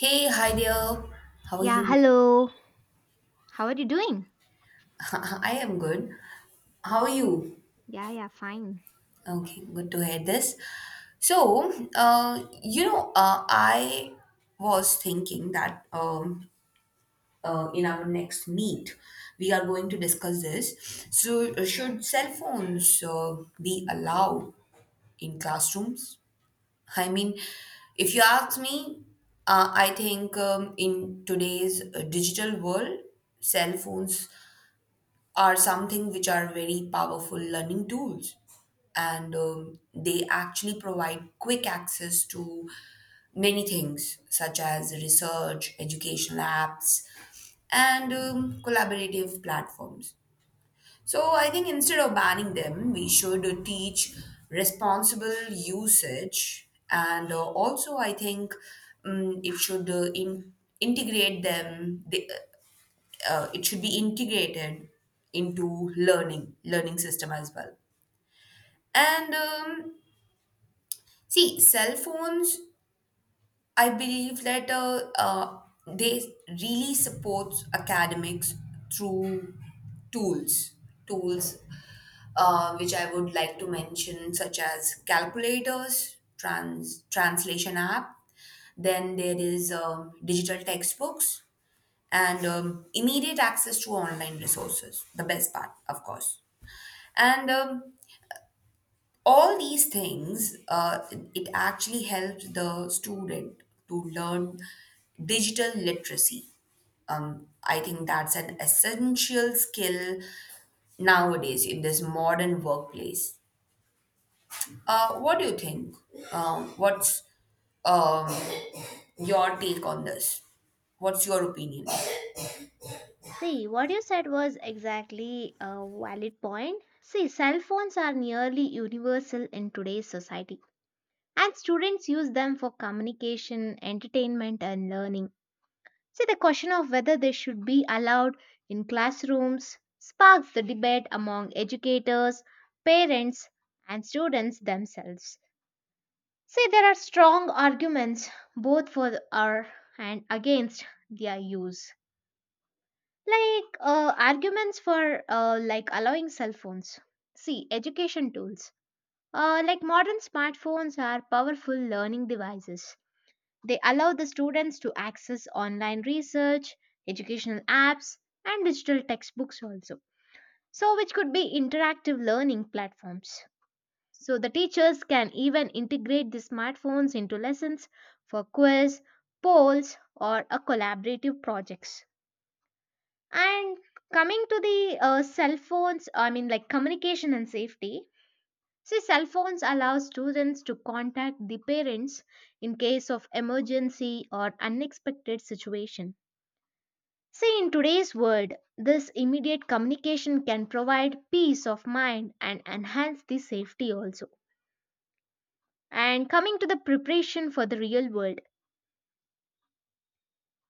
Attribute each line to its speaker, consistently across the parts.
Speaker 1: Hey, hi there. How are
Speaker 2: Yeah,
Speaker 1: you?
Speaker 2: hello. How are you doing?
Speaker 1: I am good. How are you?
Speaker 2: Yeah, yeah, fine.
Speaker 1: Okay, good to hear this. I was thinking that in our next meet, we are going to discuss this. So, should cell phones be allowed in classrooms? I mean, if you ask me, I think in today's digital world, cell phones are something which are very powerful learning tools and they actually provide quick access to many things such as research educational apps and collaborative platforms. So I think instead of banning them we should teach responsible usage, and also I think it should integrate them. It should be integrated into learning system as well. And see, cell phones, I believe that they really supports academics through tools tools which I would like to mention, such as calculators, translation app, then there is digital textbooks and immediate access to online resources, the best part of course. And all these things, it actually helped the student to learn digital literacy. I think that's an essential skill nowadays in this modern workplace. What do you think? What's um, your take on this? What's your opinion?
Speaker 2: See, what you said was exactly a valid point. See, cell phones are nearly universal in today's society, and students use them for communication, entertainment, and learning. See, the question of whether they should be allowed in classrooms sparks the debate among educators, parents, and students themselves. See, there are strong arguments both for or and against their use. Like arguments for like allowing cell phones. See, education tools. Like modern smartphones are powerful learning devices. They allow the students to access online research, educational apps, and digital textbooks also. So, which could be interactive learning platforms. So the teachers can even integrate the smartphones into lessons for quiz, polls, or a collaborative projects. And coming to the cell phones, I mean like communication and safety. See, cell phones allow students to contact the parents in case of emergency or unexpected situation. See, in today's world, this immediate communication can provide peace of mind and enhance the safety also. And coming to the preparation for the real world,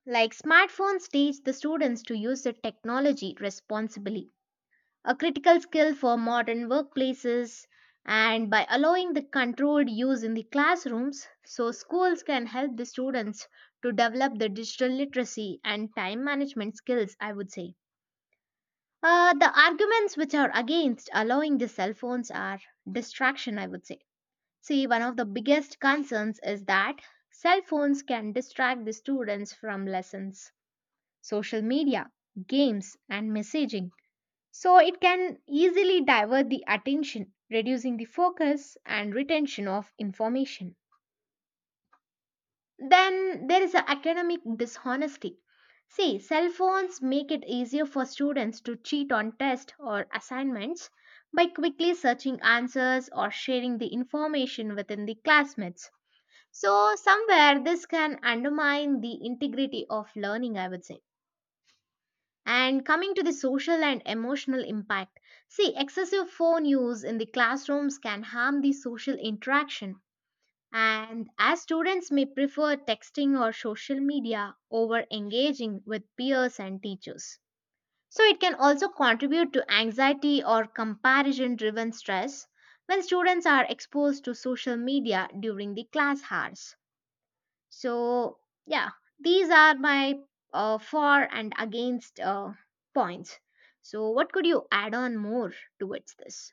Speaker 2: like smartphones teach the students to use the technology responsibly, a critical skill for modern workplaces. And by allowing the controlled use in the classrooms, so schools can help the students to develop the digital literacy and time management skills, I would say. The arguments which are against allowing the cell phones are distraction, I would say. See, one of the biggest concerns is that cell phones can distract the students from lessons, social media, games, and messaging. So, it can easily divert the attention, reducing the focus and retention of information. Then, there is a academic dishonesty. See, cell phones make it easier for students to cheat on tests or assignments by quickly searching answers or sharing the information within the classmates. So, somewhere this can undermine the integrity of learning, I would say. And coming to the social and emotional impact, see, excessive phone use in the classrooms can harm the social interaction. And as students may prefer texting or social media over engaging with peers and teachers. So, it can also contribute to anxiety or comparison driven stress when students are exposed to social media during the class hours. So, yeah, these are my for and against points. So, what could you add on more towards this?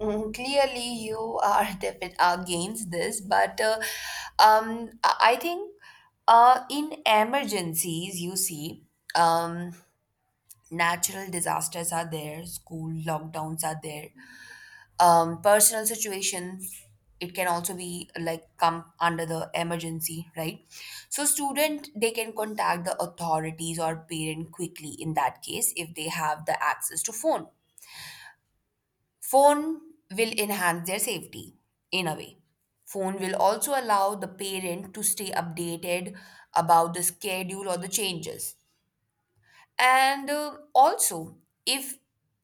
Speaker 1: Mm. Clearly, you are against this, but I think in emergencies, you see, um, natural disasters are there, school lockdowns are there, personal situations. It can also be like come under the emergency, right? So student they can contact the authorities or parent quickly in that case if they have the access to phone. Phone will enhance their safety in a way. Phone will also allow the parent to stay updated about the schedule or the changes. And also, if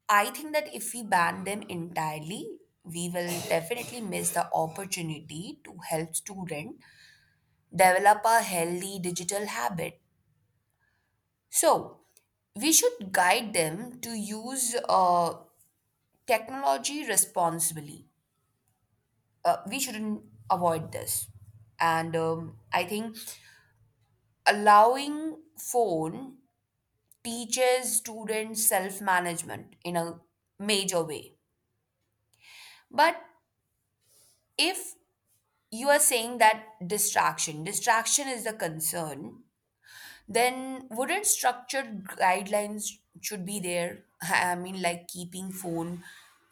Speaker 1: I think that if we ban them entirely, we will definitely miss the opportunity to help student develop a healthy digital habit. So, we should guide them to use technology responsibly. We shouldn't avoid this. And I think allowing phone teaches students self management in a major way. But if you are saying that distraction is the concern, then wouldn't structured guidelines should be there? I mean, like keeping phone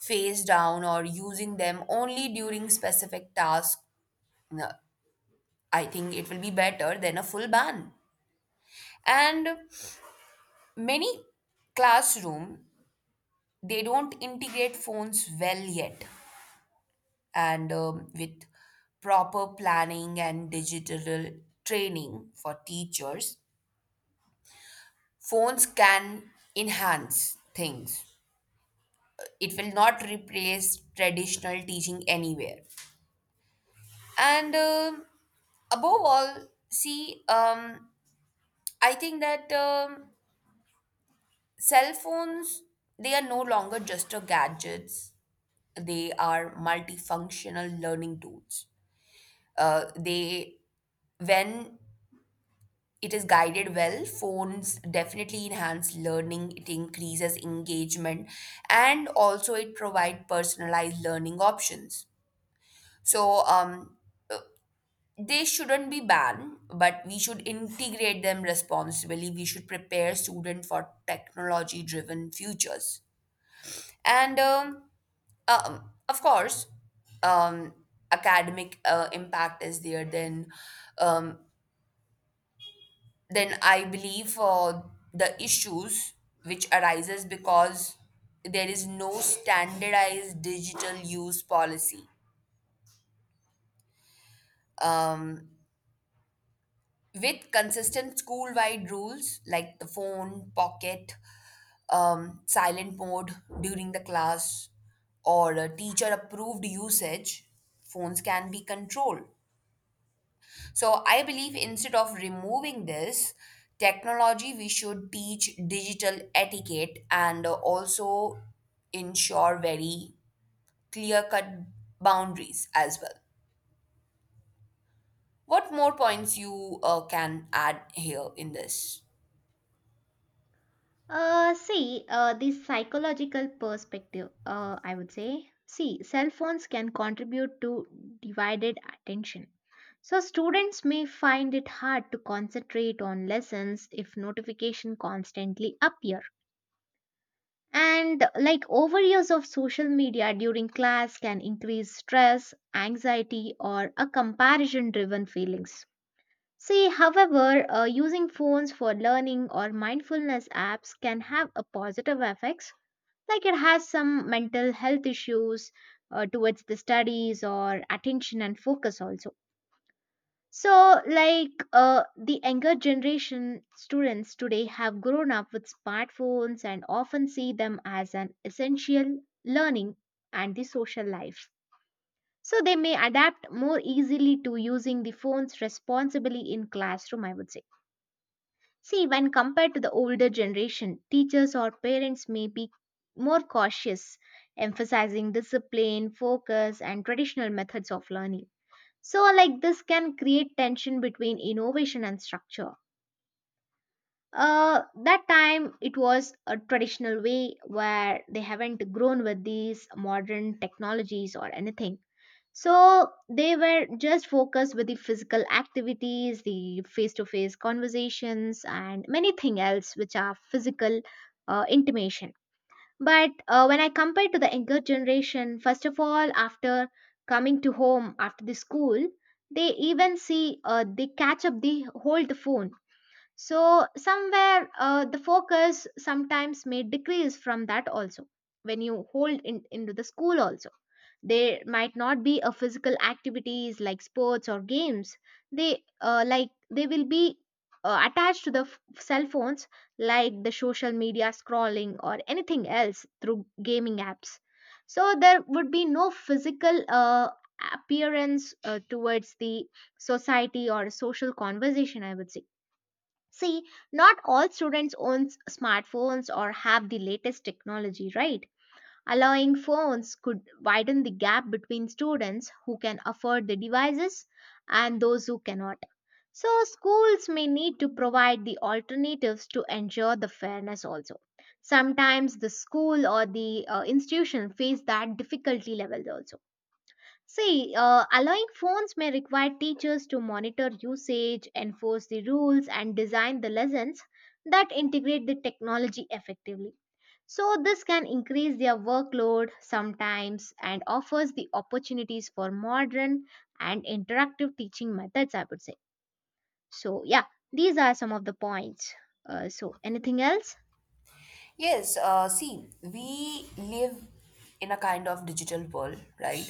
Speaker 1: face down or using them only during specific tasks. No, I think it will be better than a full ban. And many classroom they don't integrate phones well yet. And with proper planning and digital training for teachers, phones can enhance things. It will not replace traditional teaching anywhere. And above all, see, I think that cell phones, they are no longer just a gadgets, they are multifunctional learning tools. Uh, they, when it is guided well, phones definitely enhance learning. It increases engagement, and also it provide personalized learning options. So they shouldn't be banned, but we should integrate them responsibly. We should prepare students for technology-driven futures. And. Of course, um, academic impact is there. Um, then I believe the issues which arises because there is no standardized digital use policy. Um, with consistent school-wide rules like the phone, pocket, silent mode during the class, or teacher-approved usage, phones can be controlled. So I believe instead of removing this technology, we should teach digital etiquette and also ensure very clear cut boundaries as well. What more points you can add here in this?
Speaker 2: See, the psychological perspective, I would say. See, cell phones can contribute to divided attention. So, students may find it hard to concentrate on lessons if notification constantly appear. And like overuse of social media during class can increase stress, anxiety, or a comparison driven feelings. See, however, using phones for learning or mindfulness apps can have a positive effects, like it has some mental health issues towards the studies or attention and focus also. So, like the younger generation students today have grown up with smartphones and often see them as an essential learning and the social life. So, they may adapt more easily to using the phones responsibly in classroom, I would say. See, when compared to the older generation, teachers or parents may be more cautious, emphasizing discipline, focus, and traditional methods of learning. So, like this can create tension between innovation and structure. That time it was a traditional way where they haven't grown with these modern technologies or anything. So they were just focused with the physical activities, the face-to-face conversations, and many things else which are physical intimation. But when I compare to the younger generation, first of all, after coming to home after the school, they even see they catch up the hold the phone. So somewhere the focus sometimes may decrease from that also when you hold in, into the school also there might not be a physical activities like sports or games. They like they will be attached to the cell phones like the social media scrolling or anything else through gaming apps. So there would be no physical appearance towards the society or social conversation, I would say. See, not all students own smartphones or have the latest technology, right? Allowing phones could widen the gap between students who can afford the devices and those who cannot. So, schools may need to provide the alternatives to ensure the fairness also. Sometimes the school or the institution face that difficulty levels also. See, allowing phones may require teachers to monitor usage, enforce the rules, and design the lessons that integrate the technology effectively. So, this can increase their workload sometimes and offers the opportunities for modern and interactive teaching methods, I would say. So, yeah, these are some of the points. So, anything else?
Speaker 1: Yes, see, we live in a kind of digital world, right?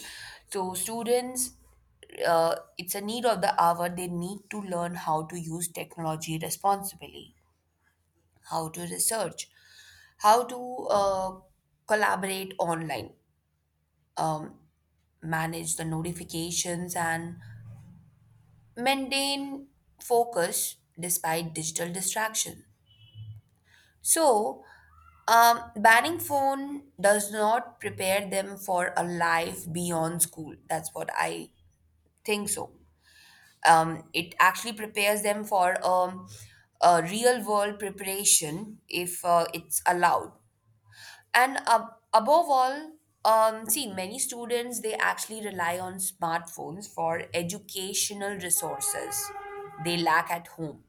Speaker 1: So students, it's a need of the hour. They need to learn how to use technology responsibly, how to research, how to collaborate online, um, manage the notifications, and maintain focus despite digital distraction. So, banning phone does not prepare them for a life beyond school. That's what I think so. It actually prepares them for a real world preparation if it's allowed. And above all, see, many students they actually rely on smartphones for educational resources they lack at home.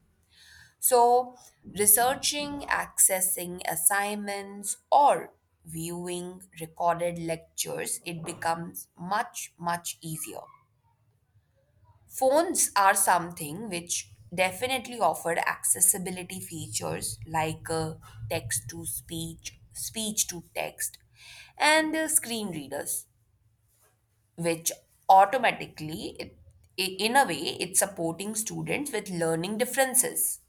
Speaker 1: So researching, accessing assignments, or viewing recorded lectures, it becomes much easier. Phones are something which definitely offered accessibility features like text to speech, speech to text, and screen readers, which automatically, I- in a way, it's supporting students with learning differences.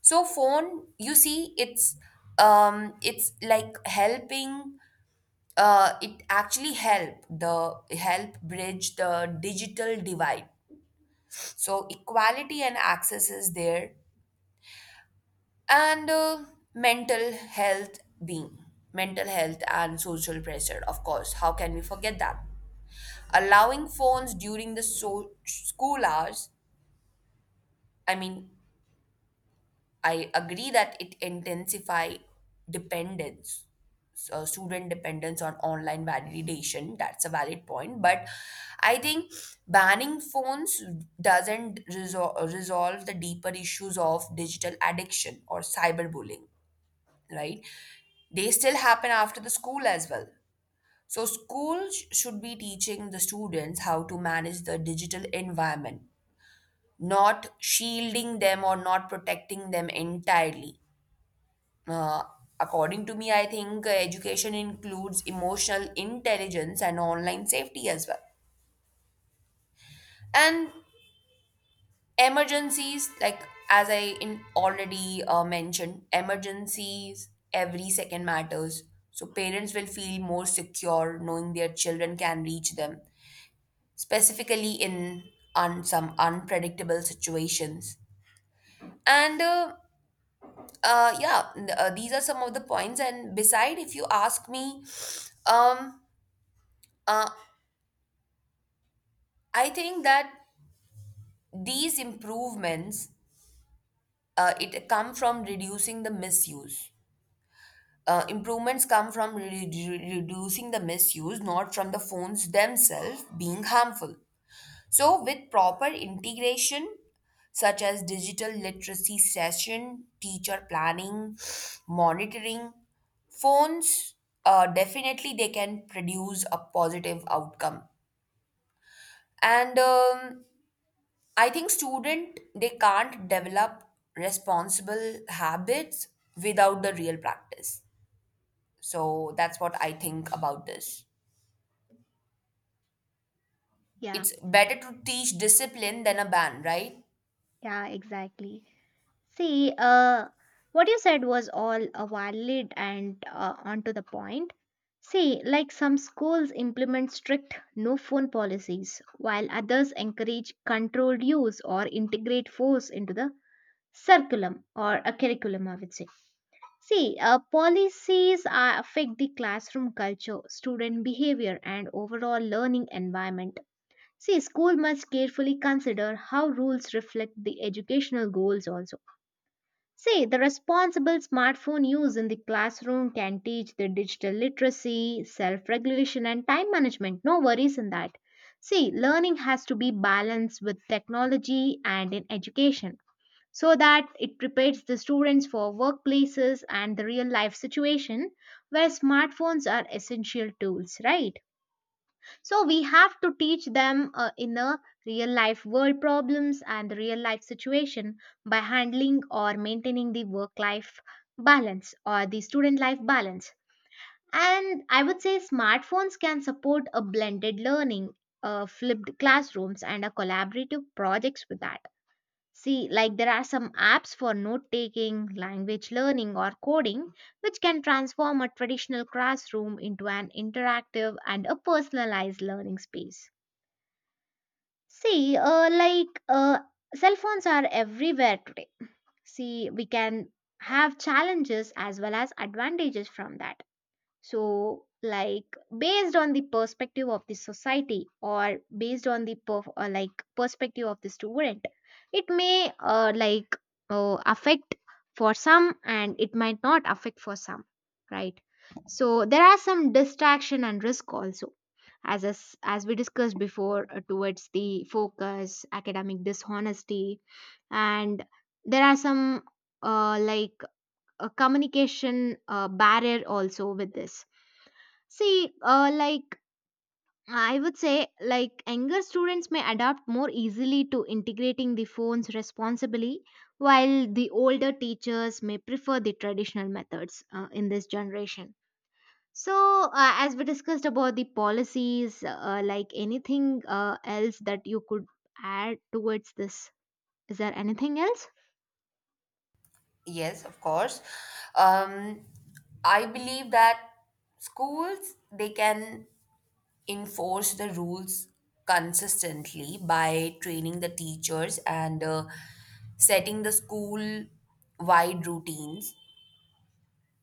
Speaker 1: So phone, you see, it's like helping. It actually help bridge the digital divide. So, equality and access is there, and mental health, being mental health and social pressure, of course. How can we forget that? Allowing phones during the school hours, I mean, I agree that it intensify dependence, so student dependence on online validation. That's a valid point, but I think banning phones doesn't resolve the deeper issues of digital addiction or cyberbullying. Right? They still happen after the school as well. So schools should be teaching the students how to manage the digital environment, not shielding them or not protecting them entirely. uh, According to me, I think education includes emotional intelligence and online safety as well. And emergencies, like as I in already mentioned, emergencies every second matters. So parents will feel more secure knowing their children can reach them, specifically in some unpredictable situations. And yeah, these are some of the points. And beside, if you ask me, um, uh, I think that these improvements it come from reducing the misuse. Improvements come from reducing the misuse, not from the phones themselves being harmful. So, with proper integration, such as digital literacy session, teacher planning, monitoring, phones, definitely they can produce a positive outcome. And I think student they can't develop responsible habits without the real practice. So that's what I think about this.
Speaker 2: Yeah,
Speaker 1: It's better to teach discipline than a ban, right?
Speaker 2: yeah, exactly. See, what you said was all valid and onto the point. See, like some schools implement strict no phone policies, while others encourage controlled use or integrate force into the curriculum or a curriculum, I would say. See, policies are, affect the classroom culture, student behavior, and overall learning environment. See, school must carefully consider how rules reflect the educational goals also. See, the responsible smartphone use in the classroom can teach the digital literacy, self regulation, and time management. No worries in that. See, learning has to be balanced with technology and in education so that it prepares the students for workplaces and the real life situation where smartphones are essential tools, right? So we have to teach them in a real life world problems and the real life situation by handling or maintaining the work life balance or the student life balance. And I would say smartphones can support a blended learning, flipped classrooms, and a collaborative projects with that. See, like there are some apps for note taking, language learning, or coding, which can transform a traditional classroom into an interactive and a personalized learning space. See, cell phones are everywhere today. See, we can have challenges as well as advantages from that. So, like based on the perspective of the society or based on the or like perspective of the student, it may like affect for some and it might not affect for some, right? So there are some distraction and risk also as we discussed before towards the focus academic dishonesty and there are some like a communication barrier also with this. See, I would say, like younger students may adapt more easily to integrating the phones responsibly, while the older teachers may prefer the traditional methods in this generation. So, uh, as we discussed about the policies, like anything else that you could add towards this, is there anything else?
Speaker 1: Yes, of course. Um, I believe that schools they can enforce the rules consistently by training the teachers and setting the school wide routines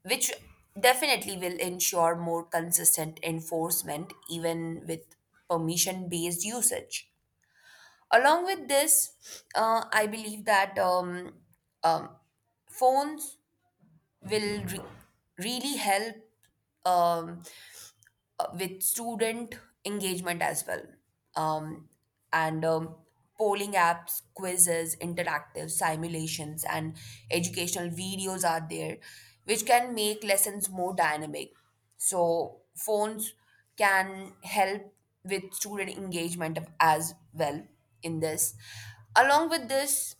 Speaker 1: which definitely will ensure more consistent enforcement even with permission based usage. Along with this, I believe that um, phones will re- really help um, with student engagement as well. Um, and polling apps, quizzes, interactive simulations, and educational videos are there, which can make lessons more dynamic. So, phones can help with student engagement as well in this. Along with this,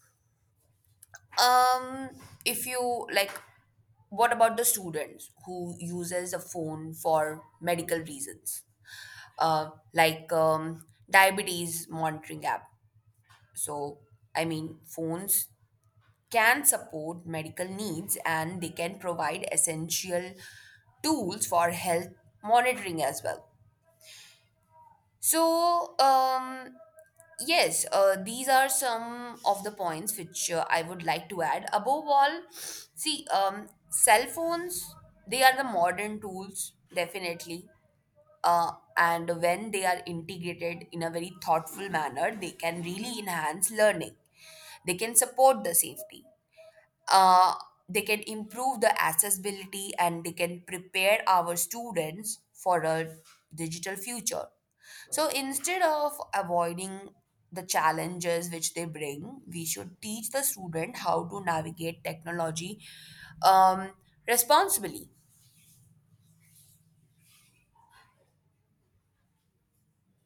Speaker 1: um, if you like, what about the students who uses a phone for medical reasons? Like diabetes monitoring app. So, I mean, phones can support medical needs and they can provide essential tools for health monitoring as well. So, yes, these are some of the points which I would like to add. Above all, see, cell phones, they are the modern tools, definitely. And when they are integrated in a very thoughtful manner, they can really enhance learning. They can support the safety. Uh, they can improve the accessibility and they can prepare our students for a digital future. So instead of avoiding the challenges which they bring, we should teach the student how to navigate technology um, responsibly,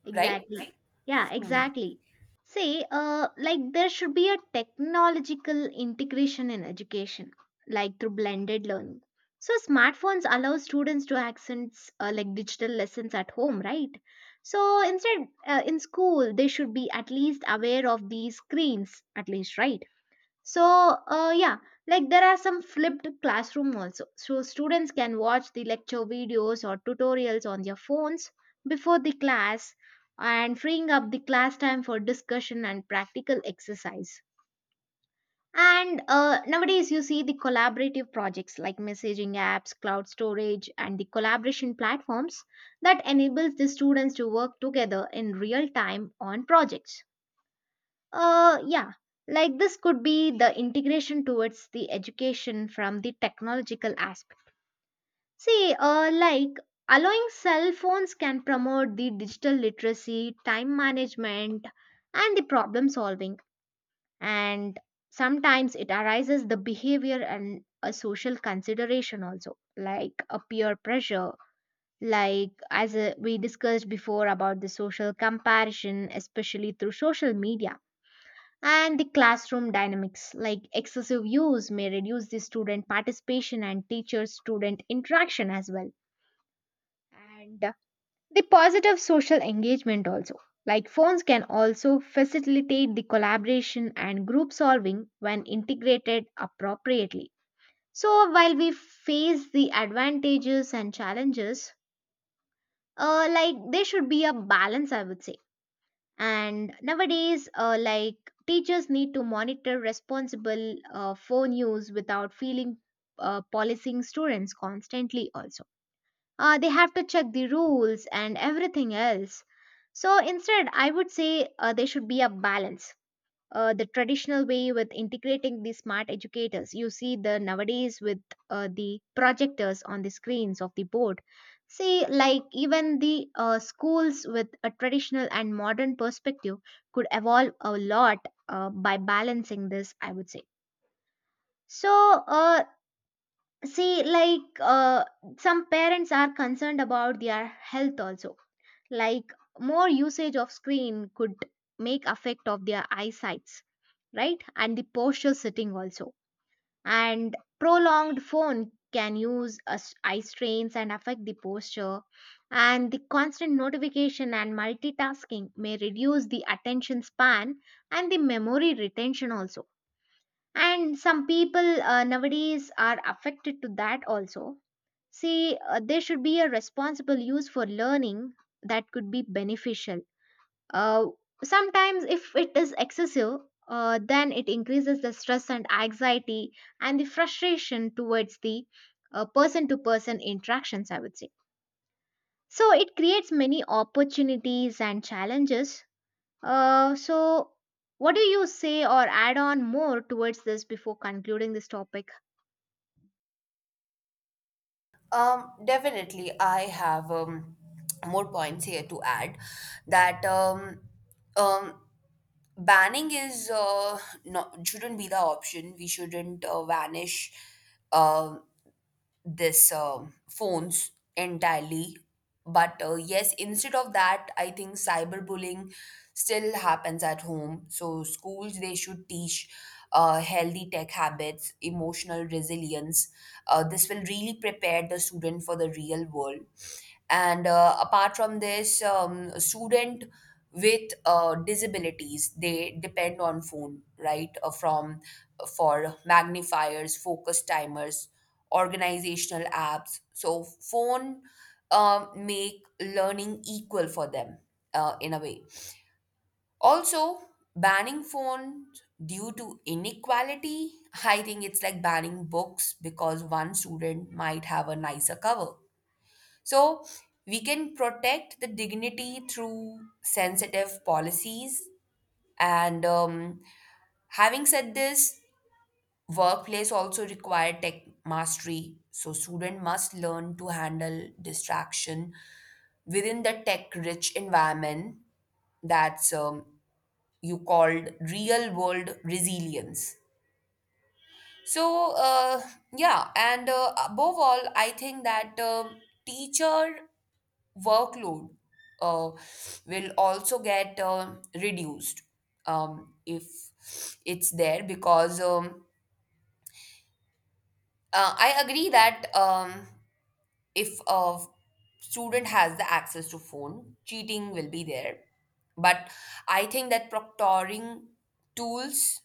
Speaker 2: Exactly,
Speaker 1: right?
Speaker 2: right? Yeah, exactly. Say, like there should be a technological integration in education, like through blended learning. So smartphones allow students to access like digital lessons at home, right? So instead, in school, they should be at least aware of these screens, at least, right? So, yeah, like there are some flipped classroom also. So, students can watch the lecture videos or tutorials on their phones before the class and freeing up the class time for discussion and practical exercise. And nowadays, you see the collaborative projects like messaging apps, cloud storage, and the collaboration platforms that enables the students to work together in real time on projects. Yeah, like this could be the integration towards the education from the technological aspect. See, allowing cell phones can promote the digital literacy, time management, and the problem solving. And sometimes it arises the behavior and a social consideration also, like a peer pressure, like as we discussed before about the social comparison, especially through social media and the classroom dynamics, like excessive use, may reduce the student participation and teacher student interaction as well. And the positive social engagement also, like phones can also facilitate the collaboration and group solving when integrated appropriately. So, while we face the advantages and challenges, like there should be a balance, I would say. And nowadays like teachers need to monitor responsible phone use without feeling policing students constantly also. They have to check the rules and everything else, so instead I would say there should be a balance, the traditional way with integrating the smart educators. You see the nowadays with the projectors on the screens of the board. See, like even the schools with a traditional and modern perspective could evolve a lot by balancing this, I would say. So, uh, see, like some parents are concerned about their health also, like more usage of screen could make effect of their eyesights, right, and the posture sitting also, and prolonged phone can use eye strains and affect the posture, and the constant notification and multitasking may reduce the attention span and the memory retention also, and some people nowadays are affected to that also. See, there should be a responsible use for learning that could be beneficial. uh, Sometimes, if it is excessive, then it increases the stress and anxiety and the frustration towards the person to person interactions, I would say. So, it creates many opportunities and challenges. So, what do you say or add on more towards this before concluding this topic?
Speaker 1: Definitely, I have more points here to add, that um, banning is not, shouldn't be the option. We shouldn't vanish um this phones entirely. But yes, instead of that I think cyberbullying still happens at home, so schools they should teach healthy tech habits, emotional resilience. This will really prepare the student for the real world. And apart from this, a student with disabilities, they depend on phone, right, from for magnifiers, focus timers, organizational apps. So phone make learning equal for them in a way. Also, banning phones due to inequality, I think it's like banning books because one student might have a nicer cover. So we can protect the dignity through sensitive policies. And having said this, workplace also require tech mastery, so student must learn to handle distraction within the tech-rich environment. That's you called real-world resilience. So yeah. And above all, I think that teacher workload uh, will also get reduced if it's there, because I agree that. If a student has the access to phone, cheating will be there. But I think that proctoring tools,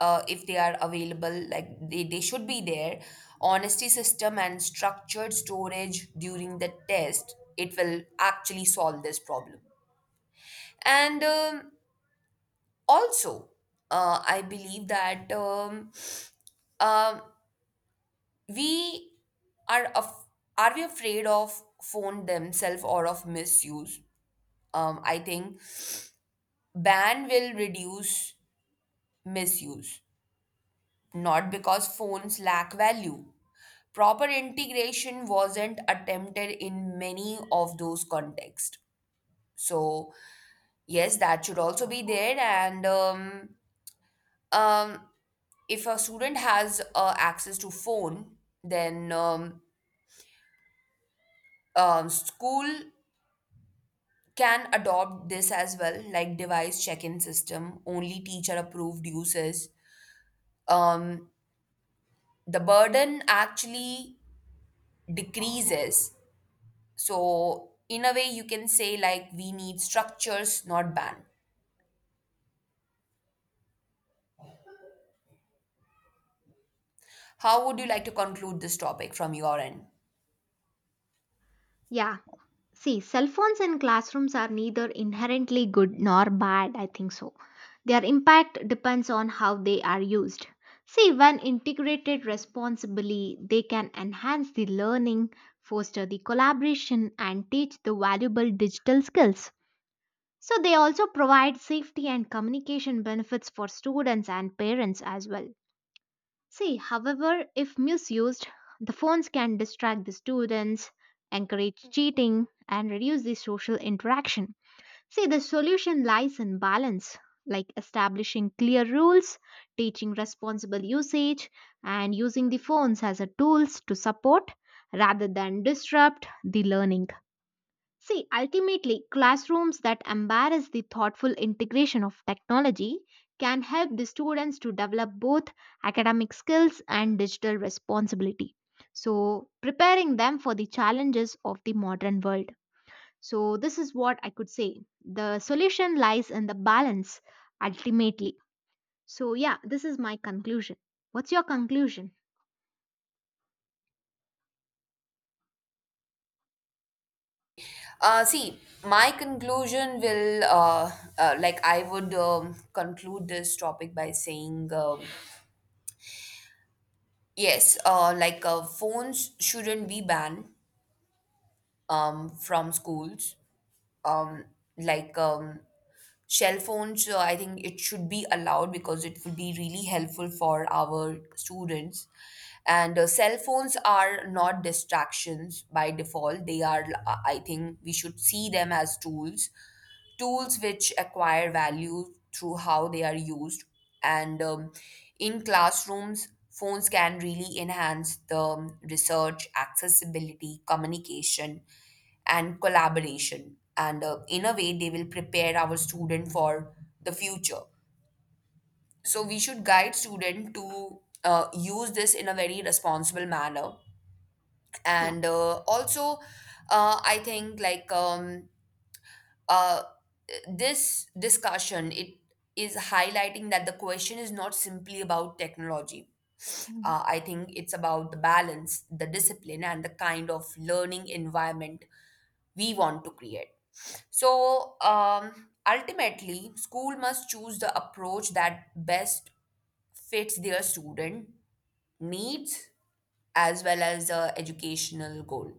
Speaker 1: if they are available, like they should be there. Honesty system and structured storage during the test, it will actually solve this problem. And also, I believe that um, we are af- are we afraid of phone themselves or of misuse? I think ban will reduce misuse, not because phones lack value. Proper integration wasn't attempted in many of those contexts. So yes, that should also be there. And um, if a student has access to phone, then school can adopt this as well, like device check-in system, only teacher approved uses. Um, the burden actually decreases. So, in a way, you can say like we need structures, not ban. How would you like to conclude this topic from your end?
Speaker 2: Yeah. See, cell phones in classrooms are neither inherently good nor bad, I think so. Their impact depends on how they are used. See, when integrated responsibly, they can enhance the learning, foster the collaboration, and teach the valuable digital skills. So, they also provide safety and communication benefits for students and parents as well. See, however, if misused, the phones can distract the students, encourage cheating, and reduce the social interaction. See, the solution lies in balance, like establishing clear rules, teaching responsible usage, and using the phones as a tools to support rather than disrupt the learning. See, ultimately, classrooms that embrace the thoughtful integration of technology can help the students to develop both academic skills and digital responsibility. So, preparing them for the challenges of the modern world. So, this is what I could say. The solution lies in the balance ultimately. So, yeah, this is my conclusion. What's your conclusion?
Speaker 1: See, my conclusion will like I would conclude this topic by saying yes, like phones shouldn't be banned from schools. Um, like um, Cell phones, I think it should be allowed because it would be really helpful for our students. And cell phones are not distractions by default. They are, I think, we should see them as tools which acquire value through how they are used. And in classrooms, phones can really enhance the research, accessibility, communication, and collaboration. And in a way, they will prepare our student for the future. So we should guide student to use this in a very responsible manner. And also, I think, like uh, this discussion, it is highlighting that the question is not simply about technology.
Speaker 2: Yeah.
Speaker 1: I think it's about the balance, the discipline, and the kind of learning environment we want to create. So ultimately school must choose the approach that best fits their student needs as well as the educational goal.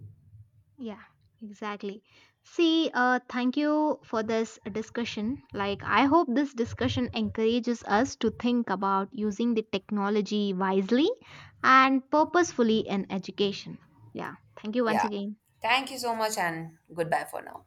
Speaker 2: Yeah, exactly. See, thank you for this discussion. Like, I hope this discussion encourages us to think about using the technology wisely and purposefully in education. Yeah, thank you once
Speaker 1: Yeah,
Speaker 2: again.
Speaker 1: thank you so much and goodbye for now.